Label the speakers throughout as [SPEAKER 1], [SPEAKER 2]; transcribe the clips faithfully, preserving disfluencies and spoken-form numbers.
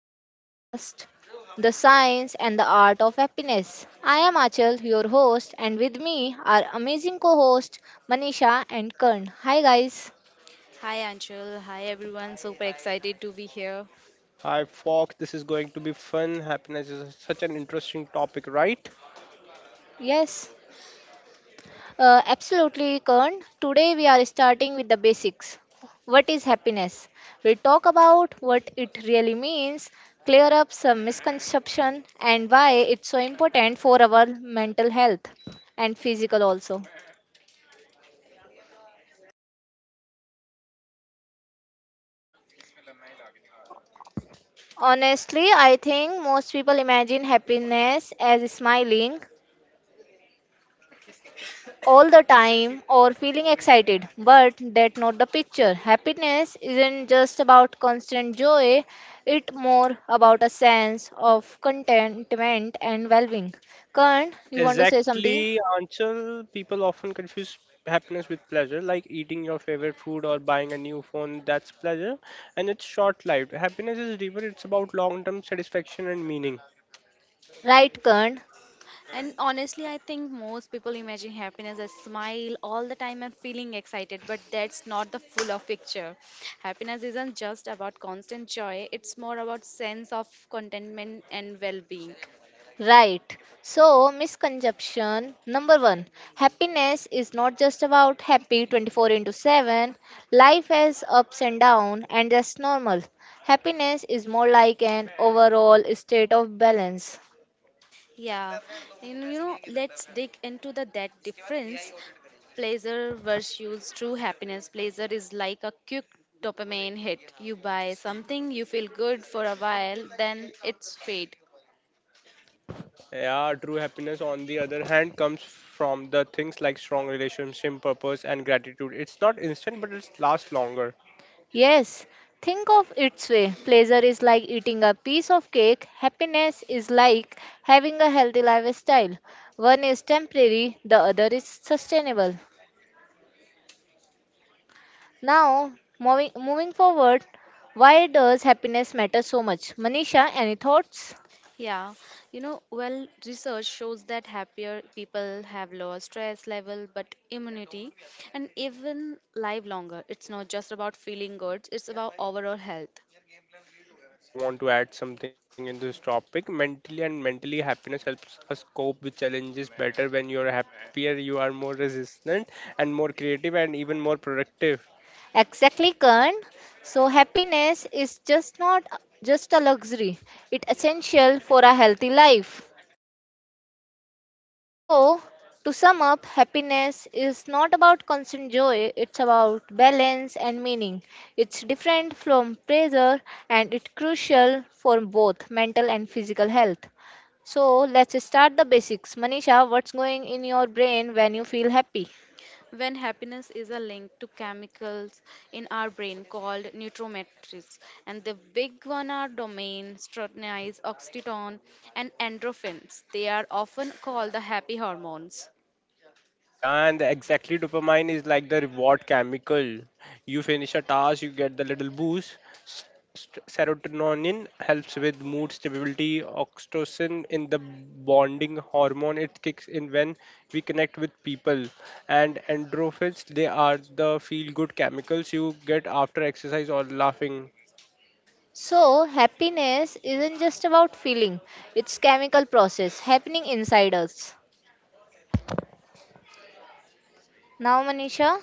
[SPEAKER 1] our podcast, The Science and the Art of Happiness. I am Achal, your host, and with me are amazing co host Manisha and Kern. Hi, guys.
[SPEAKER 2] Hi Anshul, hi everyone. Super excited to be here.
[SPEAKER 3] Hi, Fox. This is going to be fun. Happiness is such an interesting topic, right?
[SPEAKER 1] Yes, uh, absolutely, Kern. Today we are starting with the basics. What is happiness? We'll talk about what it really means, clear up some misconception, and why it's so important for our mental health and physical also. Honestly, I think most people imagine happiness as smiling all the time or feeling excited, but that's not the picture. Happiness isn't just about constant joy, it's more about a sense of contentment and well being. Kern, you want to say something?
[SPEAKER 3] Exactly, Anchal. People often confuse happiness with pleasure, like eating your favorite food or buying a new phone. That's pleasure, and it's short-lived. Happiness is deeper. It's about long-term satisfaction and meaning.
[SPEAKER 1] Right, Kern.
[SPEAKER 2] And honestly, I think most people imagine happiness as smile all the time and feeling excited, but that's not the full of picture. Happiness isn't just about constant joy, it's more about sense of contentment and well-being.
[SPEAKER 1] Right. So, misconception number one, happiness is not just about happy twenty-four into seven. Life has ups and downs, and that's normal. Happiness is more like an overall state of balance.
[SPEAKER 2] Yeah, and you know, let's dig into the that difference. Pleasure versus true happiness. Pleasure is like a quick dopamine hit. You buy something, you feel good for a while, then it's fade.
[SPEAKER 3] Yeah, true happiness, on the other hand, comes from the things like strong relationship, purpose, and gratitude. It's not instant, but it lasts longer.
[SPEAKER 1] Yes, think of its way. Pleasure is like eating a piece of cake, happiness is like having a healthy lifestyle. One is temporary, the other is sustainable. Now, moving moving forward, why does happiness matter so much? Manisha, any thoughts?
[SPEAKER 2] Yeah, you know, well, Research shows that happier people have lower stress level, but immunity, and even live longer. It's not just about feeling good; it's about overall health.
[SPEAKER 3] Yeah, I want to add something in this topic. Mentally and mentally happiness helps us cope with challenges better. When you're happier, you are more resistant and more creative and even more productive.
[SPEAKER 1] Exactly, Karan. So happiness is just not just a luxury. It's essential for a healthy life. So, to sum up, happiness is not about constant joy, it's about balance and meaning. It's different from pleasure and it's crucial for both mental and physical health. So let's start the basics. Manisha, what's going in your brain when you feel happy?
[SPEAKER 2] When happiness is a link to chemicals in our brain called neurometrics, and the big one are domain, serotonin, oxytocin, and endorphins. They are often called the happy hormones.
[SPEAKER 3] Yeah, and exactly dopamine is like the reward chemical. You finish a task, you get the little boost. S- st- Serotonin helps with mood stability. Oxytocin in the bonding hormone, it kicks in when we connect with people. And endorphins, they are the feel good chemicals you get after exercise or laughing.
[SPEAKER 1] So happiness isn't just about feeling. It's chemical process happening inside us. Now Manisha,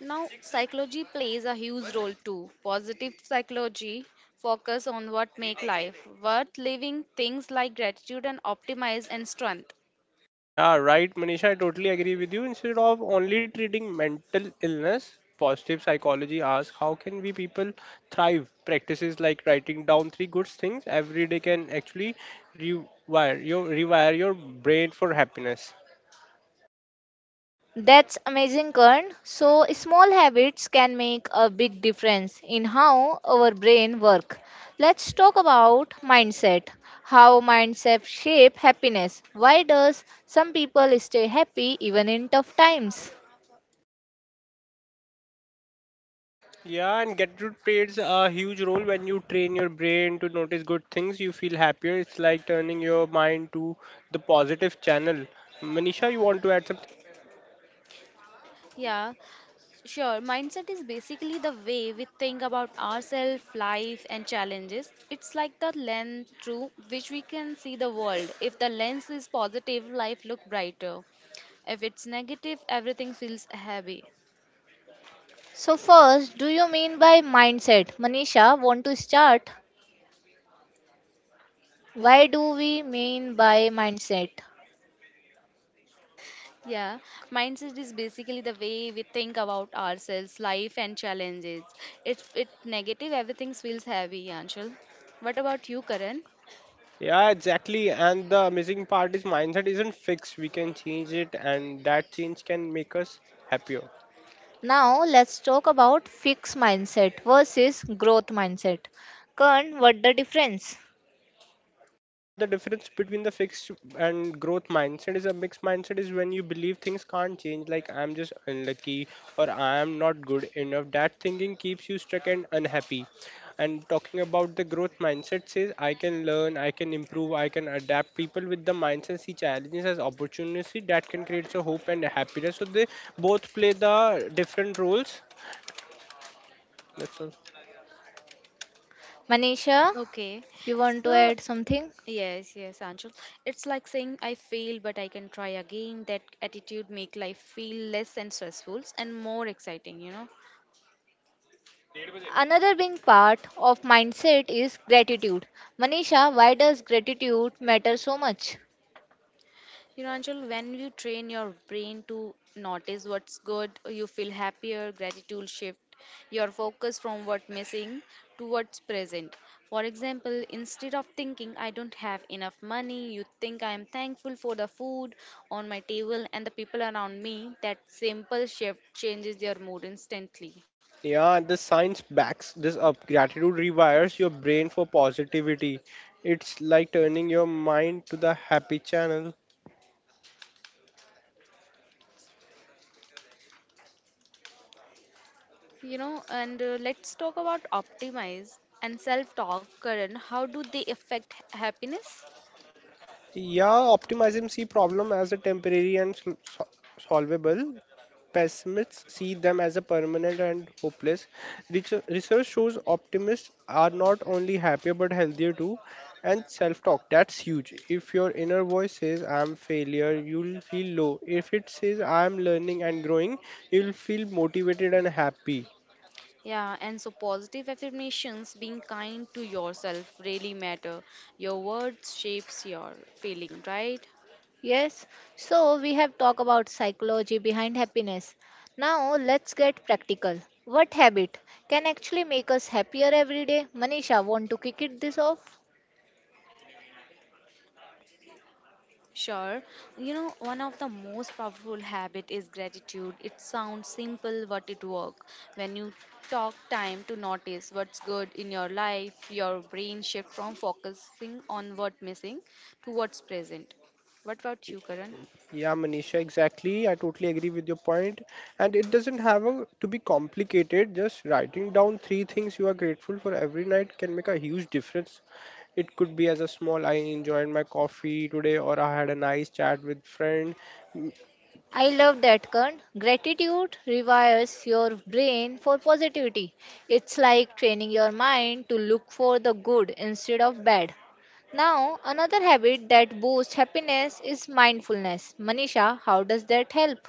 [SPEAKER 2] Now psychology plays a huge role too. Positive psychology focus on what make life worth living, things like gratitude and optimize and strength.
[SPEAKER 3] Yeah, right, Manisha. I totally agree with you. Instead of only treating mental illness, positive psychology asks how can we people thrive? Practices like writing down three good things every day can actually rewire your rewire your brain for happiness.
[SPEAKER 1] that's amazing Kern. So small habits can make a big difference in how our brain work. Let's talk about mindset. How mindset shape happiness. Why does some people stay happy even in tough times?
[SPEAKER 3] Yeah, and gratitude plays a huge role when you train your brain to notice good things. You feel happier. It's like turning your mind to the positive channel. Manisha, you want to add something?
[SPEAKER 2] yeah Sure, mindset is basically the way we think about ourselves, life, and challenges. It's like the lens through which we can see the world. If the lens is positive, life look brighter. If it's negative, everything feels heavy.
[SPEAKER 1] So, first, do you mean by mindset? Manisha, want to start? Why do we mean by mindset?
[SPEAKER 2] Yeah, Mindset is basically the way we think about ourselves, life, and challenges. If it's negative, everything feels heavy, Anshul. What about you, Karan?
[SPEAKER 3] Yeah, exactly. And the amazing part is mindset isn't fixed. We can change it, and that change can make us happier.
[SPEAKER 1] Now, let's talk about fixed mindset versus growth mindset. Kern, what the difference?
[SPEAKER 3] Yeah, the difference between the fixed and growth mindset is a mixed mindset is when you believe things can't change, like I'm just unlucky or I am not good enough. That thinking keeps you stuck and unhappy. And talking about the growth mindset says I can learn, I can improve, I can adapt. People with the mindset see challenges as opportunity that can create a hope and happiness. So they both play the different roles. That's all.
[SPEAKER 1] Manisha,
[SPEAKER 2] Okay,
[SPEAKER 1] you want to
[SPEAKER 2] so
[SPEAKER 1] add something?
[SPEAKER 2] Yes, yes, Anshul, it's like saying I failed, but I can try again. That attitude make life feel less and stressful and more exciting, you know.
[SPEAKER 1] Another big part of mindset is gratitude. Manisha, why does gratitude matter so much?
[SPEAKER 2] You know, Anshul, when you train your brain to notice what's good, you feel happier. Gratitude shift your focus from what's missing to what's present. For example, instead of thinking I don't have enough money, you think I am thankful for the food on my table and the people around me. That simple shift changes your mood instantly.
[SPEAKER 3] Yeah, and the science backs this up. Gratitude rewires your brain for positivity. It's like turning your mind to the happy channel.
[SPEAKER 2] You know and uh, Let's talk about optimize and self talk. Karan, how do they affect h- happiness?
[SPEAKER 3] Yeah, optimism see problem as a temporary and sol- sol- solvable. Pessimists see them as a permanent and hopeless. Reach- Research shows optimists are not only happier but healthier too. And self-talk, that's huge. If your inner voice says I'm failure, you'll feel low. If it says I'm learning and growing, you'll feel motivated and happy.
[SPEAKER 2] Yeah and So positive affirmations, being kind to yourself really matter. Your words shapes your feeling, right?
[SPEAKER 1] Yes, so we have talked about psychology behind happiness. Now let's get practical. What habit can actually make us happier every day? Manisha, want to kick it this off?
[SPEAKER 2] Sure. You know, one of the most powerful habit is gratitude. It sounds simple, but it work. When you talk time to notice what's good in your life, your brain shift from focusing on what missing to what's present. What about you, Karan?
[SPEAKER 3] Yeah, Manisha, exactly. I totally agree with your point. And it doesn't have a, to be complicated. Just writing down three things you are grateful for every night can make a huge difference. It could be as a small, I enjoyed my coffee today, or I had a nice chat with friend.
[SPEAKER 1] I love that, Kern. Gratitude rewires your brain for positivity. It's like training your mind to look for the good instead of bad. Now, another habit that boosts happiness is mindfulness. Manisha, how does that help?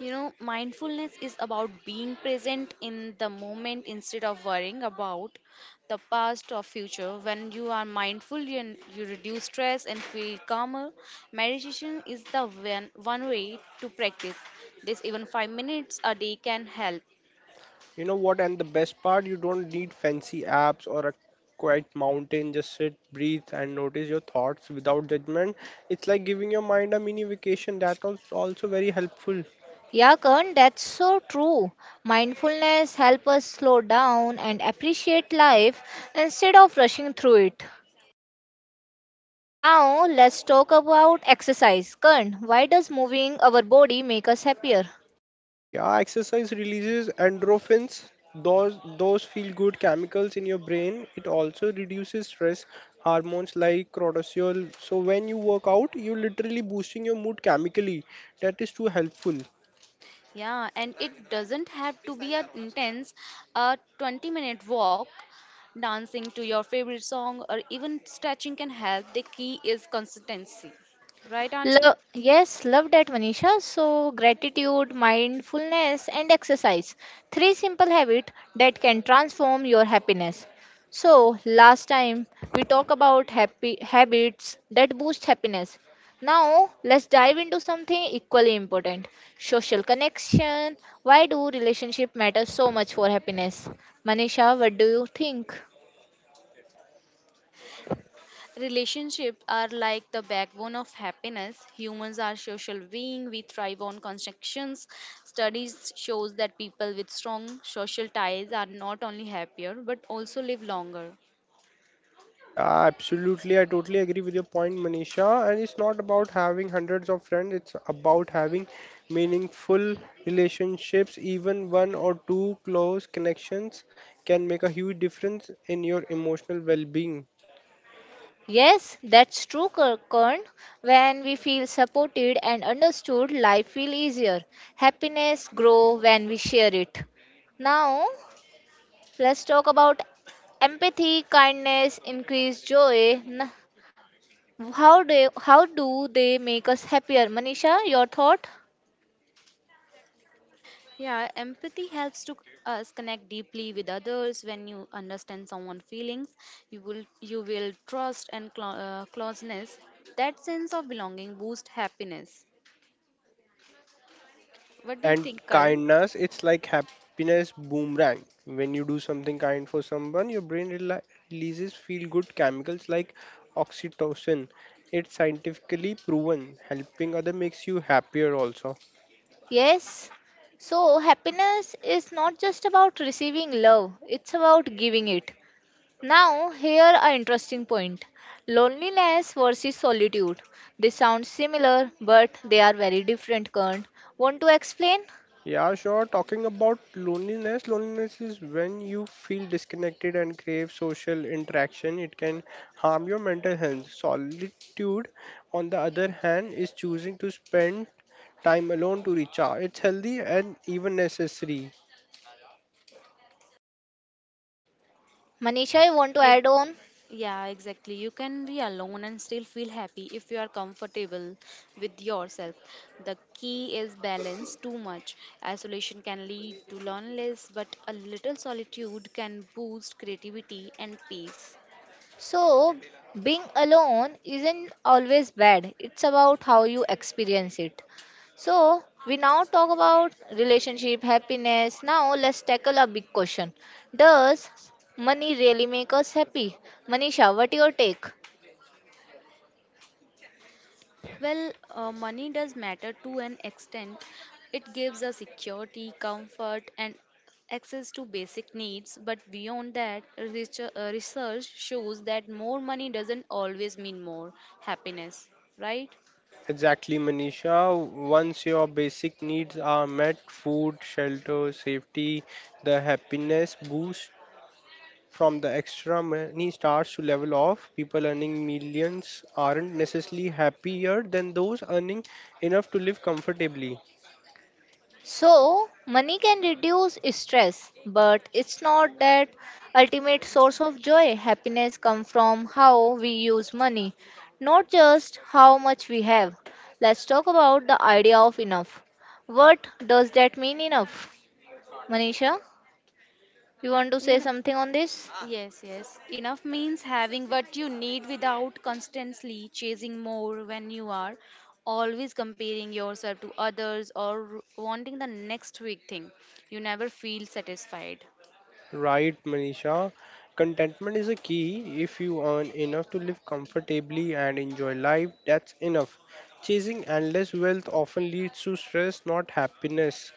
[SPEAKER 2] You know, mindfulness is about being present in the moment instead of worrying about the past or future. When you are mindful, you, you reduce stress and feel calmer. Meditation is the one, one way to practice this. Even five minutes a day can help.
[SPEAKER 3] You know what? And the best part, you don't need fancy apps or a quiet mountain. Just sit, breathe, and notice your thoughts without judgment. It's like giving your mind a mini vacation. That was also very helpful.
[SPEAKER 1] Yeah, Karan, that's so true. Mindfulness helps us slow down and appreciate life instead of rushing through it. Now, let's talk about exercise. Karan, why does moving our body make us happier?
[SPEAKER 3] Yeah, exercise releases endorphins, those those feel good chemicals in your brain. It also reduces stress hormones like cortisol. So when you work out, you're literally boosting your mood chemically. That is too helpful.
[SPEAKER 2] Yeah, and it doesn't have to be an intense, a twenty minute walk, dancing to your favorite song, or even stretching can help. The key is consistency. Right, Anshul?
[SPEAKER 1] Love, yes, love that, Manisha. So, gratitude, mindfulness, and exercise. Three simple habits that can transform your happiness. So, last time we talked about happy habits that boost happiness. Now, let's dive into something equally important, social connection. Why do relationship matter so much for happiness? Manisha, what do you think?
[SPEAKER 2] Relationships are like the backbone of happiness. Humans are social beings. We thrive on connections. Studies shows that people with strong social ties are not only happier but also live longer.
[SPEAKER 3] Yeah, absolutely. I totally agree with your point, Manisha. And it's not about having hundreds of friends, it's about having meaningful relationships. Even one or two close connections can make a huge difference in your emotional well being.
[SPEAKER 1] Yes, that's true, Kur- Kern. When we feel supported and understood, life feels easier. Happiness grow when we share it. Now, let's talk about empathy, kindness, increase joy. N- How do how do they make us happier? Manisha, your thought?
[SPEAKER 2] Yeah, empathy helps to us connect deeply with others. When you understand someone's feelings, you will you will trust and clo- uh, closeness. That sense of belonging boosts happiness. What do you
[SPEAKER 3] And
[SPEAKER 2] think, Karan?
[SPEAKER 3] kindness, it's like happiness boomerang. When you do something kind for someone, your brain rela- releases feel good chemicals like oxytocin. It's scientifically proven helping other makes you happier also.
[SPEAKER 1] Yes. So happiness is not just about receiving love; it's about giving it. Now, here are interesting point. Loneliness versus solitude. They sound similar, but they are very different kind. Want to explain?
[SPEAKER 3] Yeah, sure. Talking about loneliness, loneliness is when you feel disconnected and crave social interaction. It can harm your mental health. Solitude, on the other hand, is choosing to spend time alone to recharge. It's healthy and even necessary.
[SPEAKER 1] Manisha, you want to add on?
[SPEAKER 2] Yeah, exactly. You can be alone and still feel happy if you are comfortable with yourself. The key is balance, too much. Isolation can lead to loneliness, but a little solitude can boost creativity and peace.
[SPEAKER 1] So, being alone isn't always bad. It's about how you experience it. So, we now talk about relationship, happiness. Now, let's tackle a big question. Does money really make us happy? Manisha, what your take?
[SPEAKER 2] Well, uh, money does matter to an extent. It gives us security, comfort, and access to basic needs. But beyond that, research, uh, research shows that more money doesn't always mean more happiness, right?
[SPEAKER 3] Exactly, Manisha. Once your basic needs are met, food, shelter, safety, the happiness boost from the extra money starts to level off. People earning millions aren't necessarily happier than those earning enough to live comfortably.
[SPEAKER 1] So, money can reduce stress, but it's not that ultimate source of joy. Happiness comes from how we use money, not just how much we have. Let's talk about the idea of enough. What does that mean, enough? Manisha, you want to
[SPEAKER 2] You
[SPEAKER 1] say
[SPEAKER 2] know,
[SPEAKER 1] something on this?
[SPEAKER 2] yes, yes. Enough means having what you need without constantly chasing more. When you are always comparing yourself to others or wanting the next big thing, you never feel satisfied.
[SPEAKER 3] Right, Manisha? Contentment is a key. If you earn enough to live comfortably and enjoy life, that's enough. Chasing endless wealth often leads to stress, not happiness.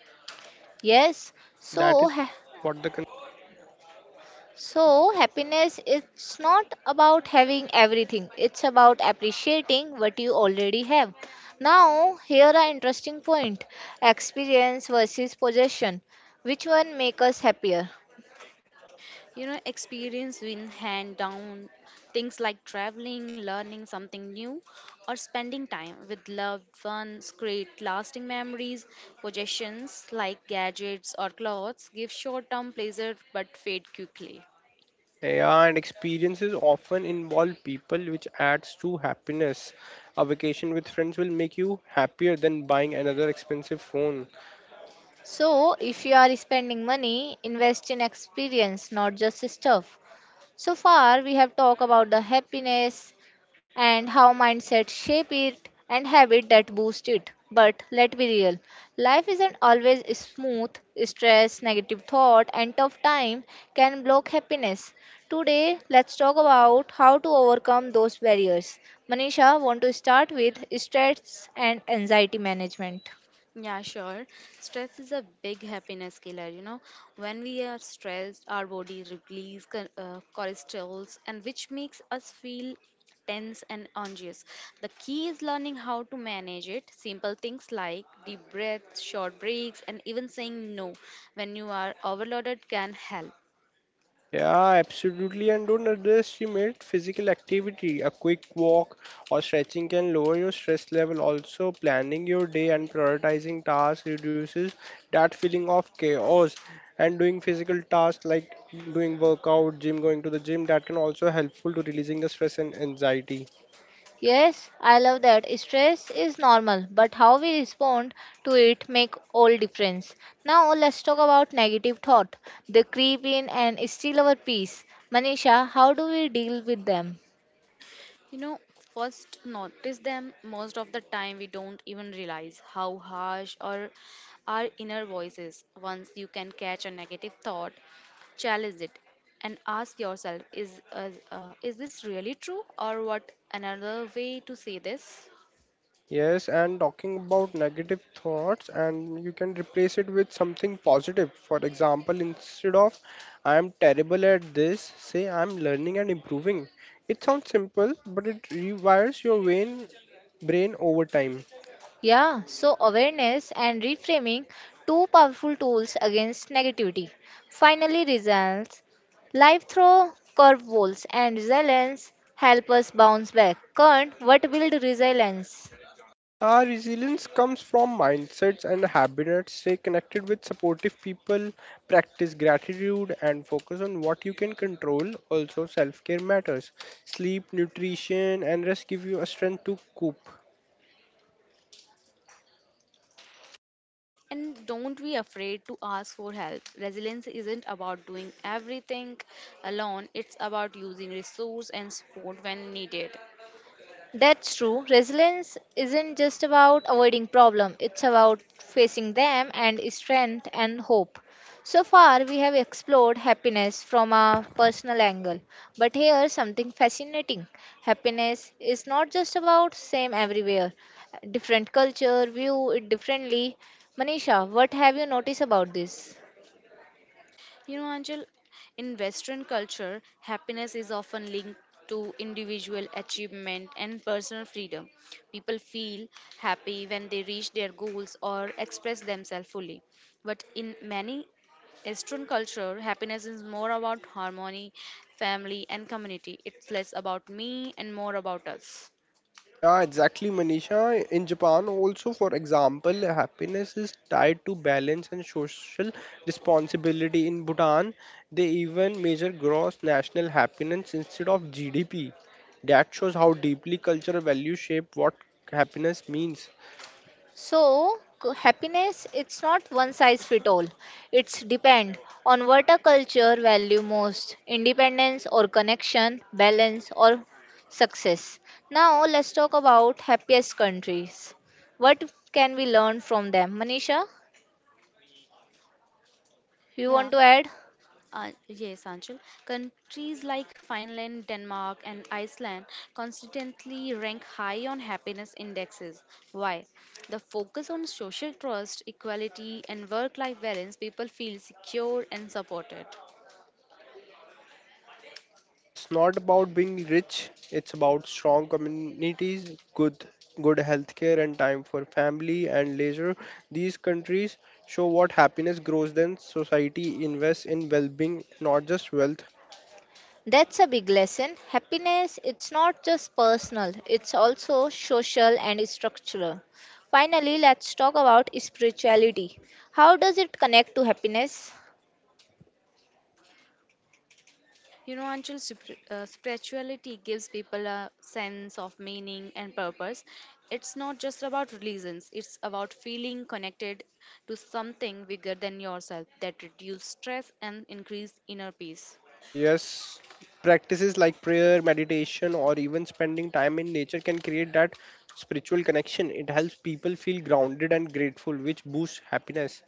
[SPEAKER 1] Yes.
[SPEAKER 3] That
[SPEAKER 1] So,
[SPEAKER 3] is
[SPEAKER 1] ha-
[SPEAKER 3] what the.
[SPEAKER 1] So, happiness is not about having everything, it's about appreciating what you already have. Now, here are interesting point, experience versus possession. Which one make us happier?
[SPEAKER 2] You know, experience win hand down. Things like traveling, learning something new, or spending time with loved ones create lasting memories. Possessions like gadgets or clothes give short term pleasure but fade quickly.
[SPEAKER 3] Yeah, and experiences often involve people, which adds to happiness. A vacation with friends will make you happier than buying another expensive phone.
[SPEAKER 1] So, if you are spending money, invest in experience, not just stuff. So far, we have talked about the happiness and how mindset shape it and habit that boost it. But let's be real. Life isn't always smooth. Stress, negative thought, and tough time can block happiness. Today, let's talk about how to overcome those barriers. Manisha, want to start with stress and anxiety management.
[SPEAKER 2] Yeah, sure. Stress is a big happiness killer, you know. When we are stressed, our body releases cho- uh, cortisols, and which makes us feel tense and anxious. The key is learning how to manage it. Simple things like deep breaths, short breaks, and even saying no when you are overloaded can help.
[SPEAKER 3] Yeah, absolutely. And don't underestimate physical activity. A quick walk or stretching can lower your stress level. Also, planning your day and prioritizing tasks reduces that feeling of chaos. And doing physical tasks like doing workout, gym, going to the gym, that can also helpful to releasing the stress and anxiety.
[SPEAKER 1] Yes, I love that. Stress is normal, but how we respond to it make all difference. Now let's talk about negative thought. They creep in and steal our peace. Manisha, how do we deal with them?
[SPEAKER 2] You know, first notice them. Most of the time we don't even realize how harsh or our inner voice is. Once you can catch a negative thought, challenge it and ask yourself, is uh, uh, is this really true, or what another way to say this?
[SPEAKER 3] Yes, and talking about negative thoughts, and you can replace it with something positive. For example, instead of I am terrible at this, say I am learning and improving. It sounds simple, but it rewires your brain, brain over time.
[SPEAKER 1] Yeah, so awareness and reframing, two powerful tools against negativity. Finally, results. Life throw curveballs and resilience help us bounce back. Current, what build resilience?
[SPEAKER 3] Our resilience comes from mindsets and habits. Stay connected with supportive people, practice gratitude, and focus on what you can control. Also, self care matters. Sleep, nutrition, and rest give you a strength to cope.
[SPEAKER 2] And don't be afraid to ask for help. Resilience isn't about doing everything alone, it's about using resource and support when needed.
[SPEAKER 1] That's true. Resilience isn't just about avoiding problem, it's about facing them and strength and hope. So far we have explored happiness from a personal angle, but here's something fascinating. Happiness is not just about same everywhere. Different culture view it differently. Manisha, what have you noticed about this?
[SPEAKER 2] You know, Angel, in Western culture, happiness is often linked to individual achievement and personal freedom. People feel happy when they reach their goals or express themselves fully. But in many Eastern culture, happiness is more about harmony, family, and community. It's less about me and more about us.
[SPEAKER 3] Yeah, exactly, Manisha. In Japan, also, for example, happiness is tied to balance and social responsibility. In Bhutan, they even measure gross national happiness instead of G D P. That shows how deeply cultural values shape what happiness means.
[SPEAKER 1] So, c- happiness it's not one size fit all. It's depend on what a culture value most, independence or connection, balance or success. Now, let's talk about happiest countries. What can we learn from them? Manisha, you want
[SPEAKER 2] Yeah,
[SPEAKER 1] to add?
[SPEAKER 2] Uh, yes, Anchal. Countries like Finland, Denmark, and Iceland consistently rank high on happiness indexes. Why? The focus on social trust, equality, and work life balance, people feel secure and supported.
[SPEAKER 3] And it's not about being rich. It's about strong communities, good good healthcare, and time for family and leisure. These countries show what happiness grows when society invests in well-being, not just wealth.
[SPEAKER 1] That's a big lesson. Happiness it's not just personal, it's also social and structural. Finally, let's talk about spirituality. How does it connect to happiness?
[SPEAKER 2] You know, Anchal, spir- uh, spirituality gives people a sense of meaning and purpose. It's not just about religions, it's about feeling connected to something bigger than yourself that reduces stress and increase inner peace.
[SPEAKER 3] Yes, practices like prayer, meditation, or even spending time in nature can create that spiritual connection. It helps people feel grounded and grateful, which boosts happiness.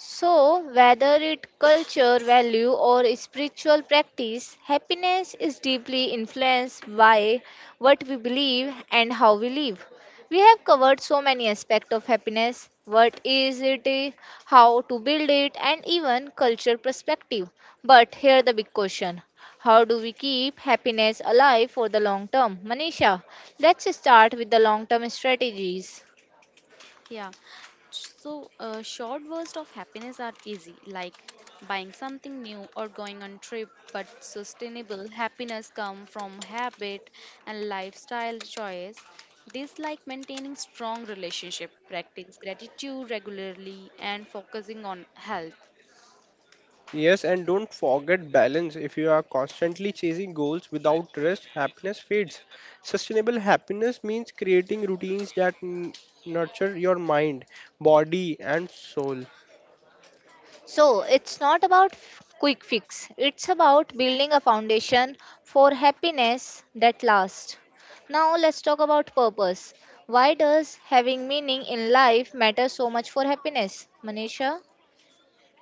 [SPEAKER 1] So, whether it culture, value, or spiritual practice, happiness is deeply influenced by what we believe and how we live. We have covered so many aspects of happiness. What is it? eh, How to build it, and even culture perspective. But here the big question: How do we keep happiness alive for the long term? Manisha, let's start with the long-term strategies.
[SPEAKER 2] Yeah. So, uh, short bursts of happiness are easy, like buying something new or going on trip. But sustainable happiness come from habit and lifestyle choice. This like maintaining strong relationship, practice gratitude regularly, and focusing on health.
[SPEAKER 3] Yes, and don't forget balance. If you are constantly chasing goals without rest, happiness fades. Sustainable happiness means creating routines that n- nurture your mind, body, and soul.
[SPEAKER 1] So, it's not about f- quick fix. It's about building a foundation for happiness that lasts. Now, let's talk about purpose. Why does having meaning in life matter so much for happiness? Manisha,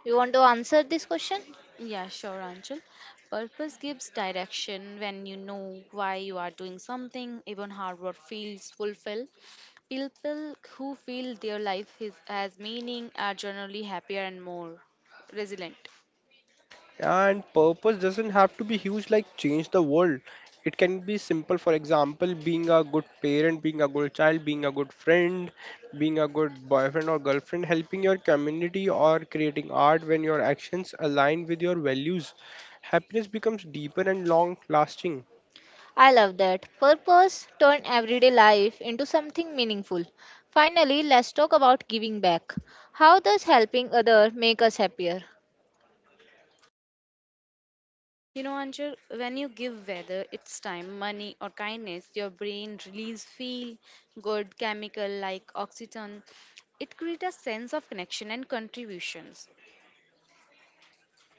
[SPEAKER 1] you want to answer this question?
[SPEAKER 2] Yeah, sure, Anchal. Purpose gives direction. When you know why you are doing something, even hard work feels fulfilled. People who feel their life is, has meaning are generally happier and more resilient.
[SPEAKER 3] And purpose doesn't have to be huge, like change the world. It can be simple, for example, being a good parent, being a good child, being a good friend, being a good boyfriend or girlfriend, helping your community, or creating art when your actions align with your values. Happiness becomes deeper and long lasting.
[SPEAKER 1] I love that. Purpose turn everyday life into something meaningful. Finally, let's talk about giving back. How does helping other make us happier?
[SPEAKER 2] You know, Anchal, when you give, whether it's time, money, or kindness, your brain release feel good chemical like oxytocin. It creates a sense of connection and contributions.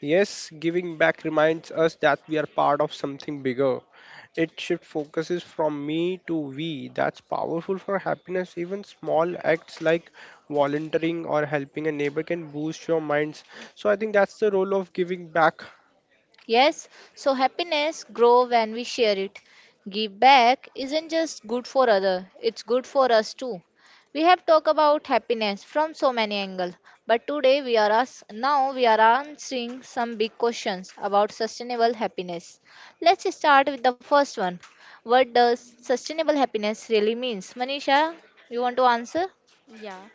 [SPEAKER 3] Yes, giving back reminds us that we are part of something bigger. It shift focuses from me to we. That's powerful for happiness. Even small acts like volunteering or helping a neighbor can boost your minds. So I think that's the role of giving back.
[SPEAKER 1] Yes, so happiness grow when we share it. Give back isn't just good for other, it's good for us too. We have talked about happiness from so many angles, but today we are us now we are answering some big questions about sustainable happiness. Let's start with the first one. What does sustainable happiness really means? Manisha, you want to answer?
[SPEAKER 2] Yeah.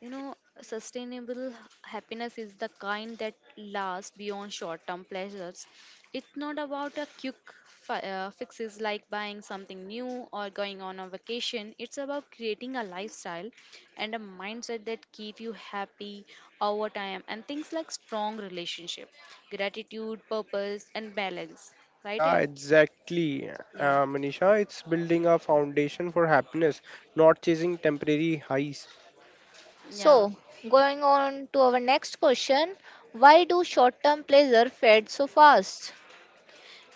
[SPEAKER 2] You know, sustainable happiness is the kind that lasts beyond short term pleasures. It's not about a quick fi- uh, fixes like buying something new or going on a vacation. It's about creating a lifestyle and a mindset that keep you happy over time, and things like strong relationship, gratitude, purpose and balance. Right? Eh?
[SPEAKER 3] Yeah, exactly,
[SPEAKER 2] Yeah.
[SPEAKER 3] uh, Manisha. It's building a foundation for happiness, not chasing temporary highs.
[SPEAKER 2] Yeah.
[SPEAKER 1] So, going on to our next question, why do short-term pleasure fade so fast?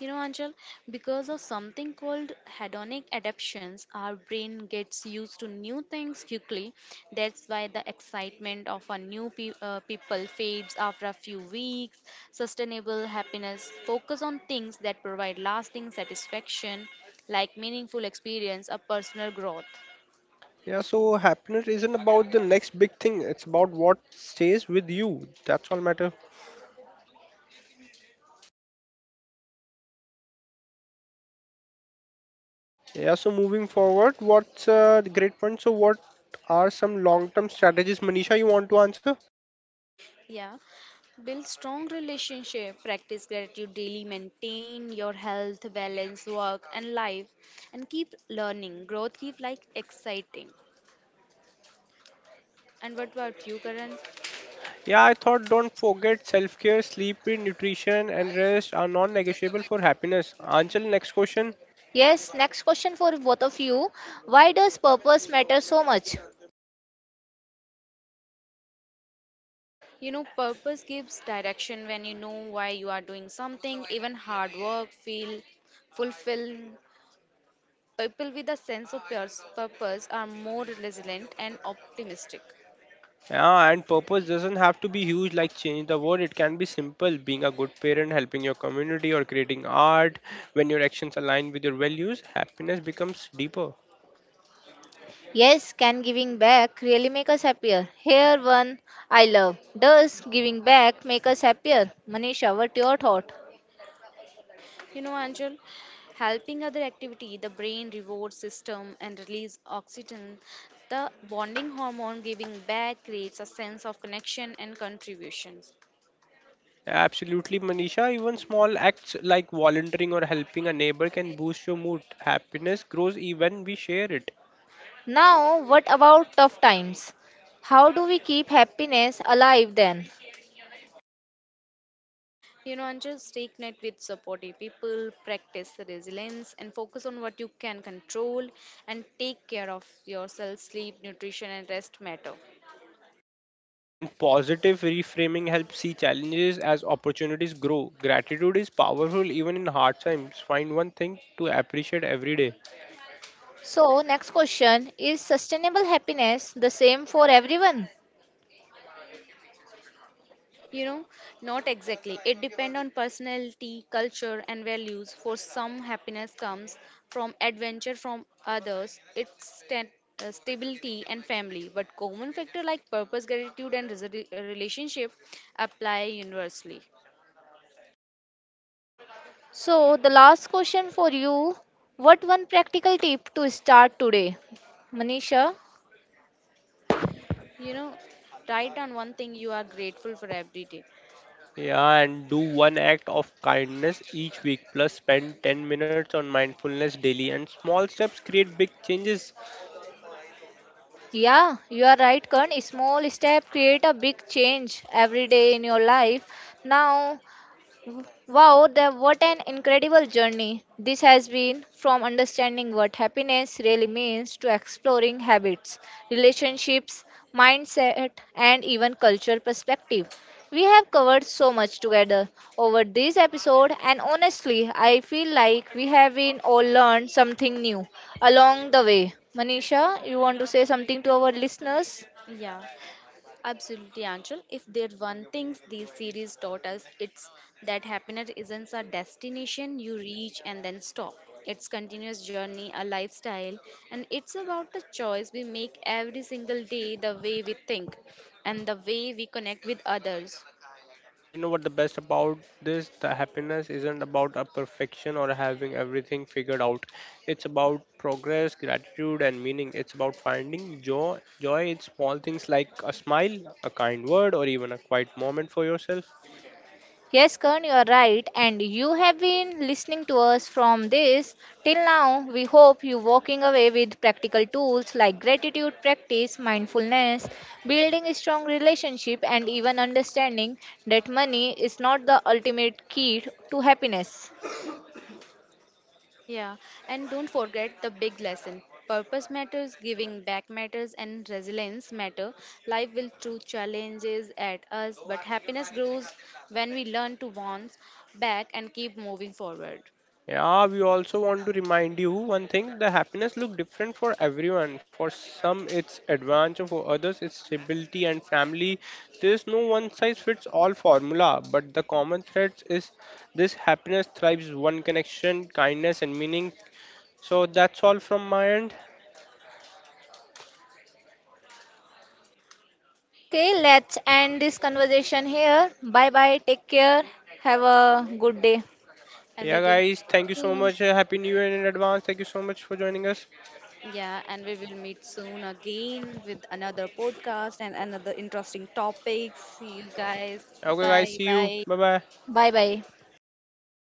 [SPEAKER 2] You know, Anjal, because of something called hedonic adaptations, our brain gets used to new things quickly. That's why the excitement of a new pe- uh, people fades after a few weeks. Sustainable happiness focus on things that provide lasting satisfaction, like meaningful experience or personal growth.
[SPEAKER 3] Yeah, so happiness isn't about the next big thing. It's about what stays with you. That's all matters. Yeah, so moving forward, what's uh, the great point? So, what are some long term strategies, Manisha, you want to answer?
[SPEAKER 2] Yeah. Build strong relationship, practice gratitude daily, maintain your health, balance, work and life, and keep learning. Growth keep like exciting. And what about you, Karan?
[SPEAKER 3] Yeah, I thought don't forget self care, sleep, nutrition, and rest are non negotiable for happiness. Answer next question.
[SPEAKER 1] Yes, next question for both of you. Why does purpose matter so much?
[SPEAKER 2] You know, purpose gives direction. When you know why you are doing something, even hard work, feel fulfilled. People with a sense of pur- purpose are more resilient and optimistic.
[SPEAKER 3] Yeah, and purpose doesn't have to be huge like change the world. It can be simple being a good parent, helping your community, or creating art. When your actions align with your values, happiness becomes deeper.
[SPEAKER 1] Yes, can giving back really make us happier? Here one I love. Does giving back make us happier? Manisha, what your thought?
[SPEAKER 2] You know, Angel, helping other activity, the brain reward system and release oxytocin, the bonding hormone. Giving back creates a sense of connection and contributions.
[SPEAKER 3] Absolutely, Manisha. Even small acts like volunteering or helping a neighbor can boost your mood. Happiness grows even we share it.
[SPEAKER 1] Now, what about tough times? How do we keep happiness alive then?
[SPEAKER 2] You know, Angel, stay connected with supportive people, practice resilience, and focus on what you can control, and take care of yourself. Sleep, nutrition, and rest matter.
[SPEAKER 3] And positive reframing helps see challenges as opportunities grow. Gratitude is powerful even in hard times. Find one thing to appreciate every day.
[SPEAKER 1] So, next question is sustainable happiness the same for everyone?
[SPEAKER 2] You know, not exactly. It depends on personality, culture, and values. For some, happiness comes from adventure, from others, it's sta- uh, stability and family. But common factor like purpose, gratitude, and resi- relationship apply universally.
[SPEAKER 1] So, the last question for you, what one practical tip to start today? Manisha?
[SPEAKER 2] You know, write down one thing you are grateful for every day.
[SPEAKER 3] Yeah, and do one act of kindness each week, plus spend ten minutes on mindfulness daily. And small steps create big changes.
[SPEAKER 1] Yeah, you are right, Karan. Small step create a big change every day in your life. Now, wow, the, what an incredible journey this has been from understanding what happiness really means to exploring habits, relationships, mindset, and even cultural perspective. We have covered so much together over this episode, and honestly, I feel like we have been all learned something new along the way. Manisha, you want to say something to our listeners?
[SPEAKER 2] Yeah. Absolutely, Anshul. If there's one thing this series taught us, it's that happiness isn't a destination you reach and then stop. It's continuous journey, a lifestyle, and it's about the choice we make every single day, the way we think, and the way we connect with others.
[SPEAKER 3] And you know what the best about this? The happiness isn't about a perfection or having everything figured out. It's about progress, gratitude, and meaning. It's about finding joy, joy in small things like a smile, a kind word, or even a quiet moment for yourself.
[SPEAKER 1] Yes, Kern, you are right, and you have been listening to us from this till now. We hope you walking away with practical tools like gratitude practice, mindfulness, building a strong relationship, and even understanding that money is not the ultimate key to happiness.
[SPEAKER 2] Yeah, and don't forget the big lesson. Purpose matters, giving back matters, and resilience matter. Life will throw challenges at us, but happiness grows when we learn to bounce back and keep moving forward.
[SPEAKER 3] Yeah, we also want to remind you one thing, the happiness look different for everyone. For some it's adventure, for others it's stability and family. There's no one size fits all formula, but the common thread is this happiness thrives one connection, kindness and meaning. So that's all from my end.
[SPEAKER 1] Okay, let's end this conversation here. Bye bye, take care, have a good day.
[SPEAKER 2] And we
[SPEAKER 3] Yeah
[SPEAKER 2] will
[SPEAKER 3] guys, thank you so
[SPEAKER 2] soon,
[SPEAKER 3] much. Happy New Year in advance. Thank you so much for joining us.
[SPEAKER 2] yeah, and we will meet soon again with another podcast and another interesting topics. See you guys.
[SPEAKER 3] Okay guys,
[SPEAKER 2] Bye
[SPEAKER 3] see you.
[SPEAKER 2] bye.
[SPEAKER 3] Bye bye.
[SPEAKER 1] Bye bye.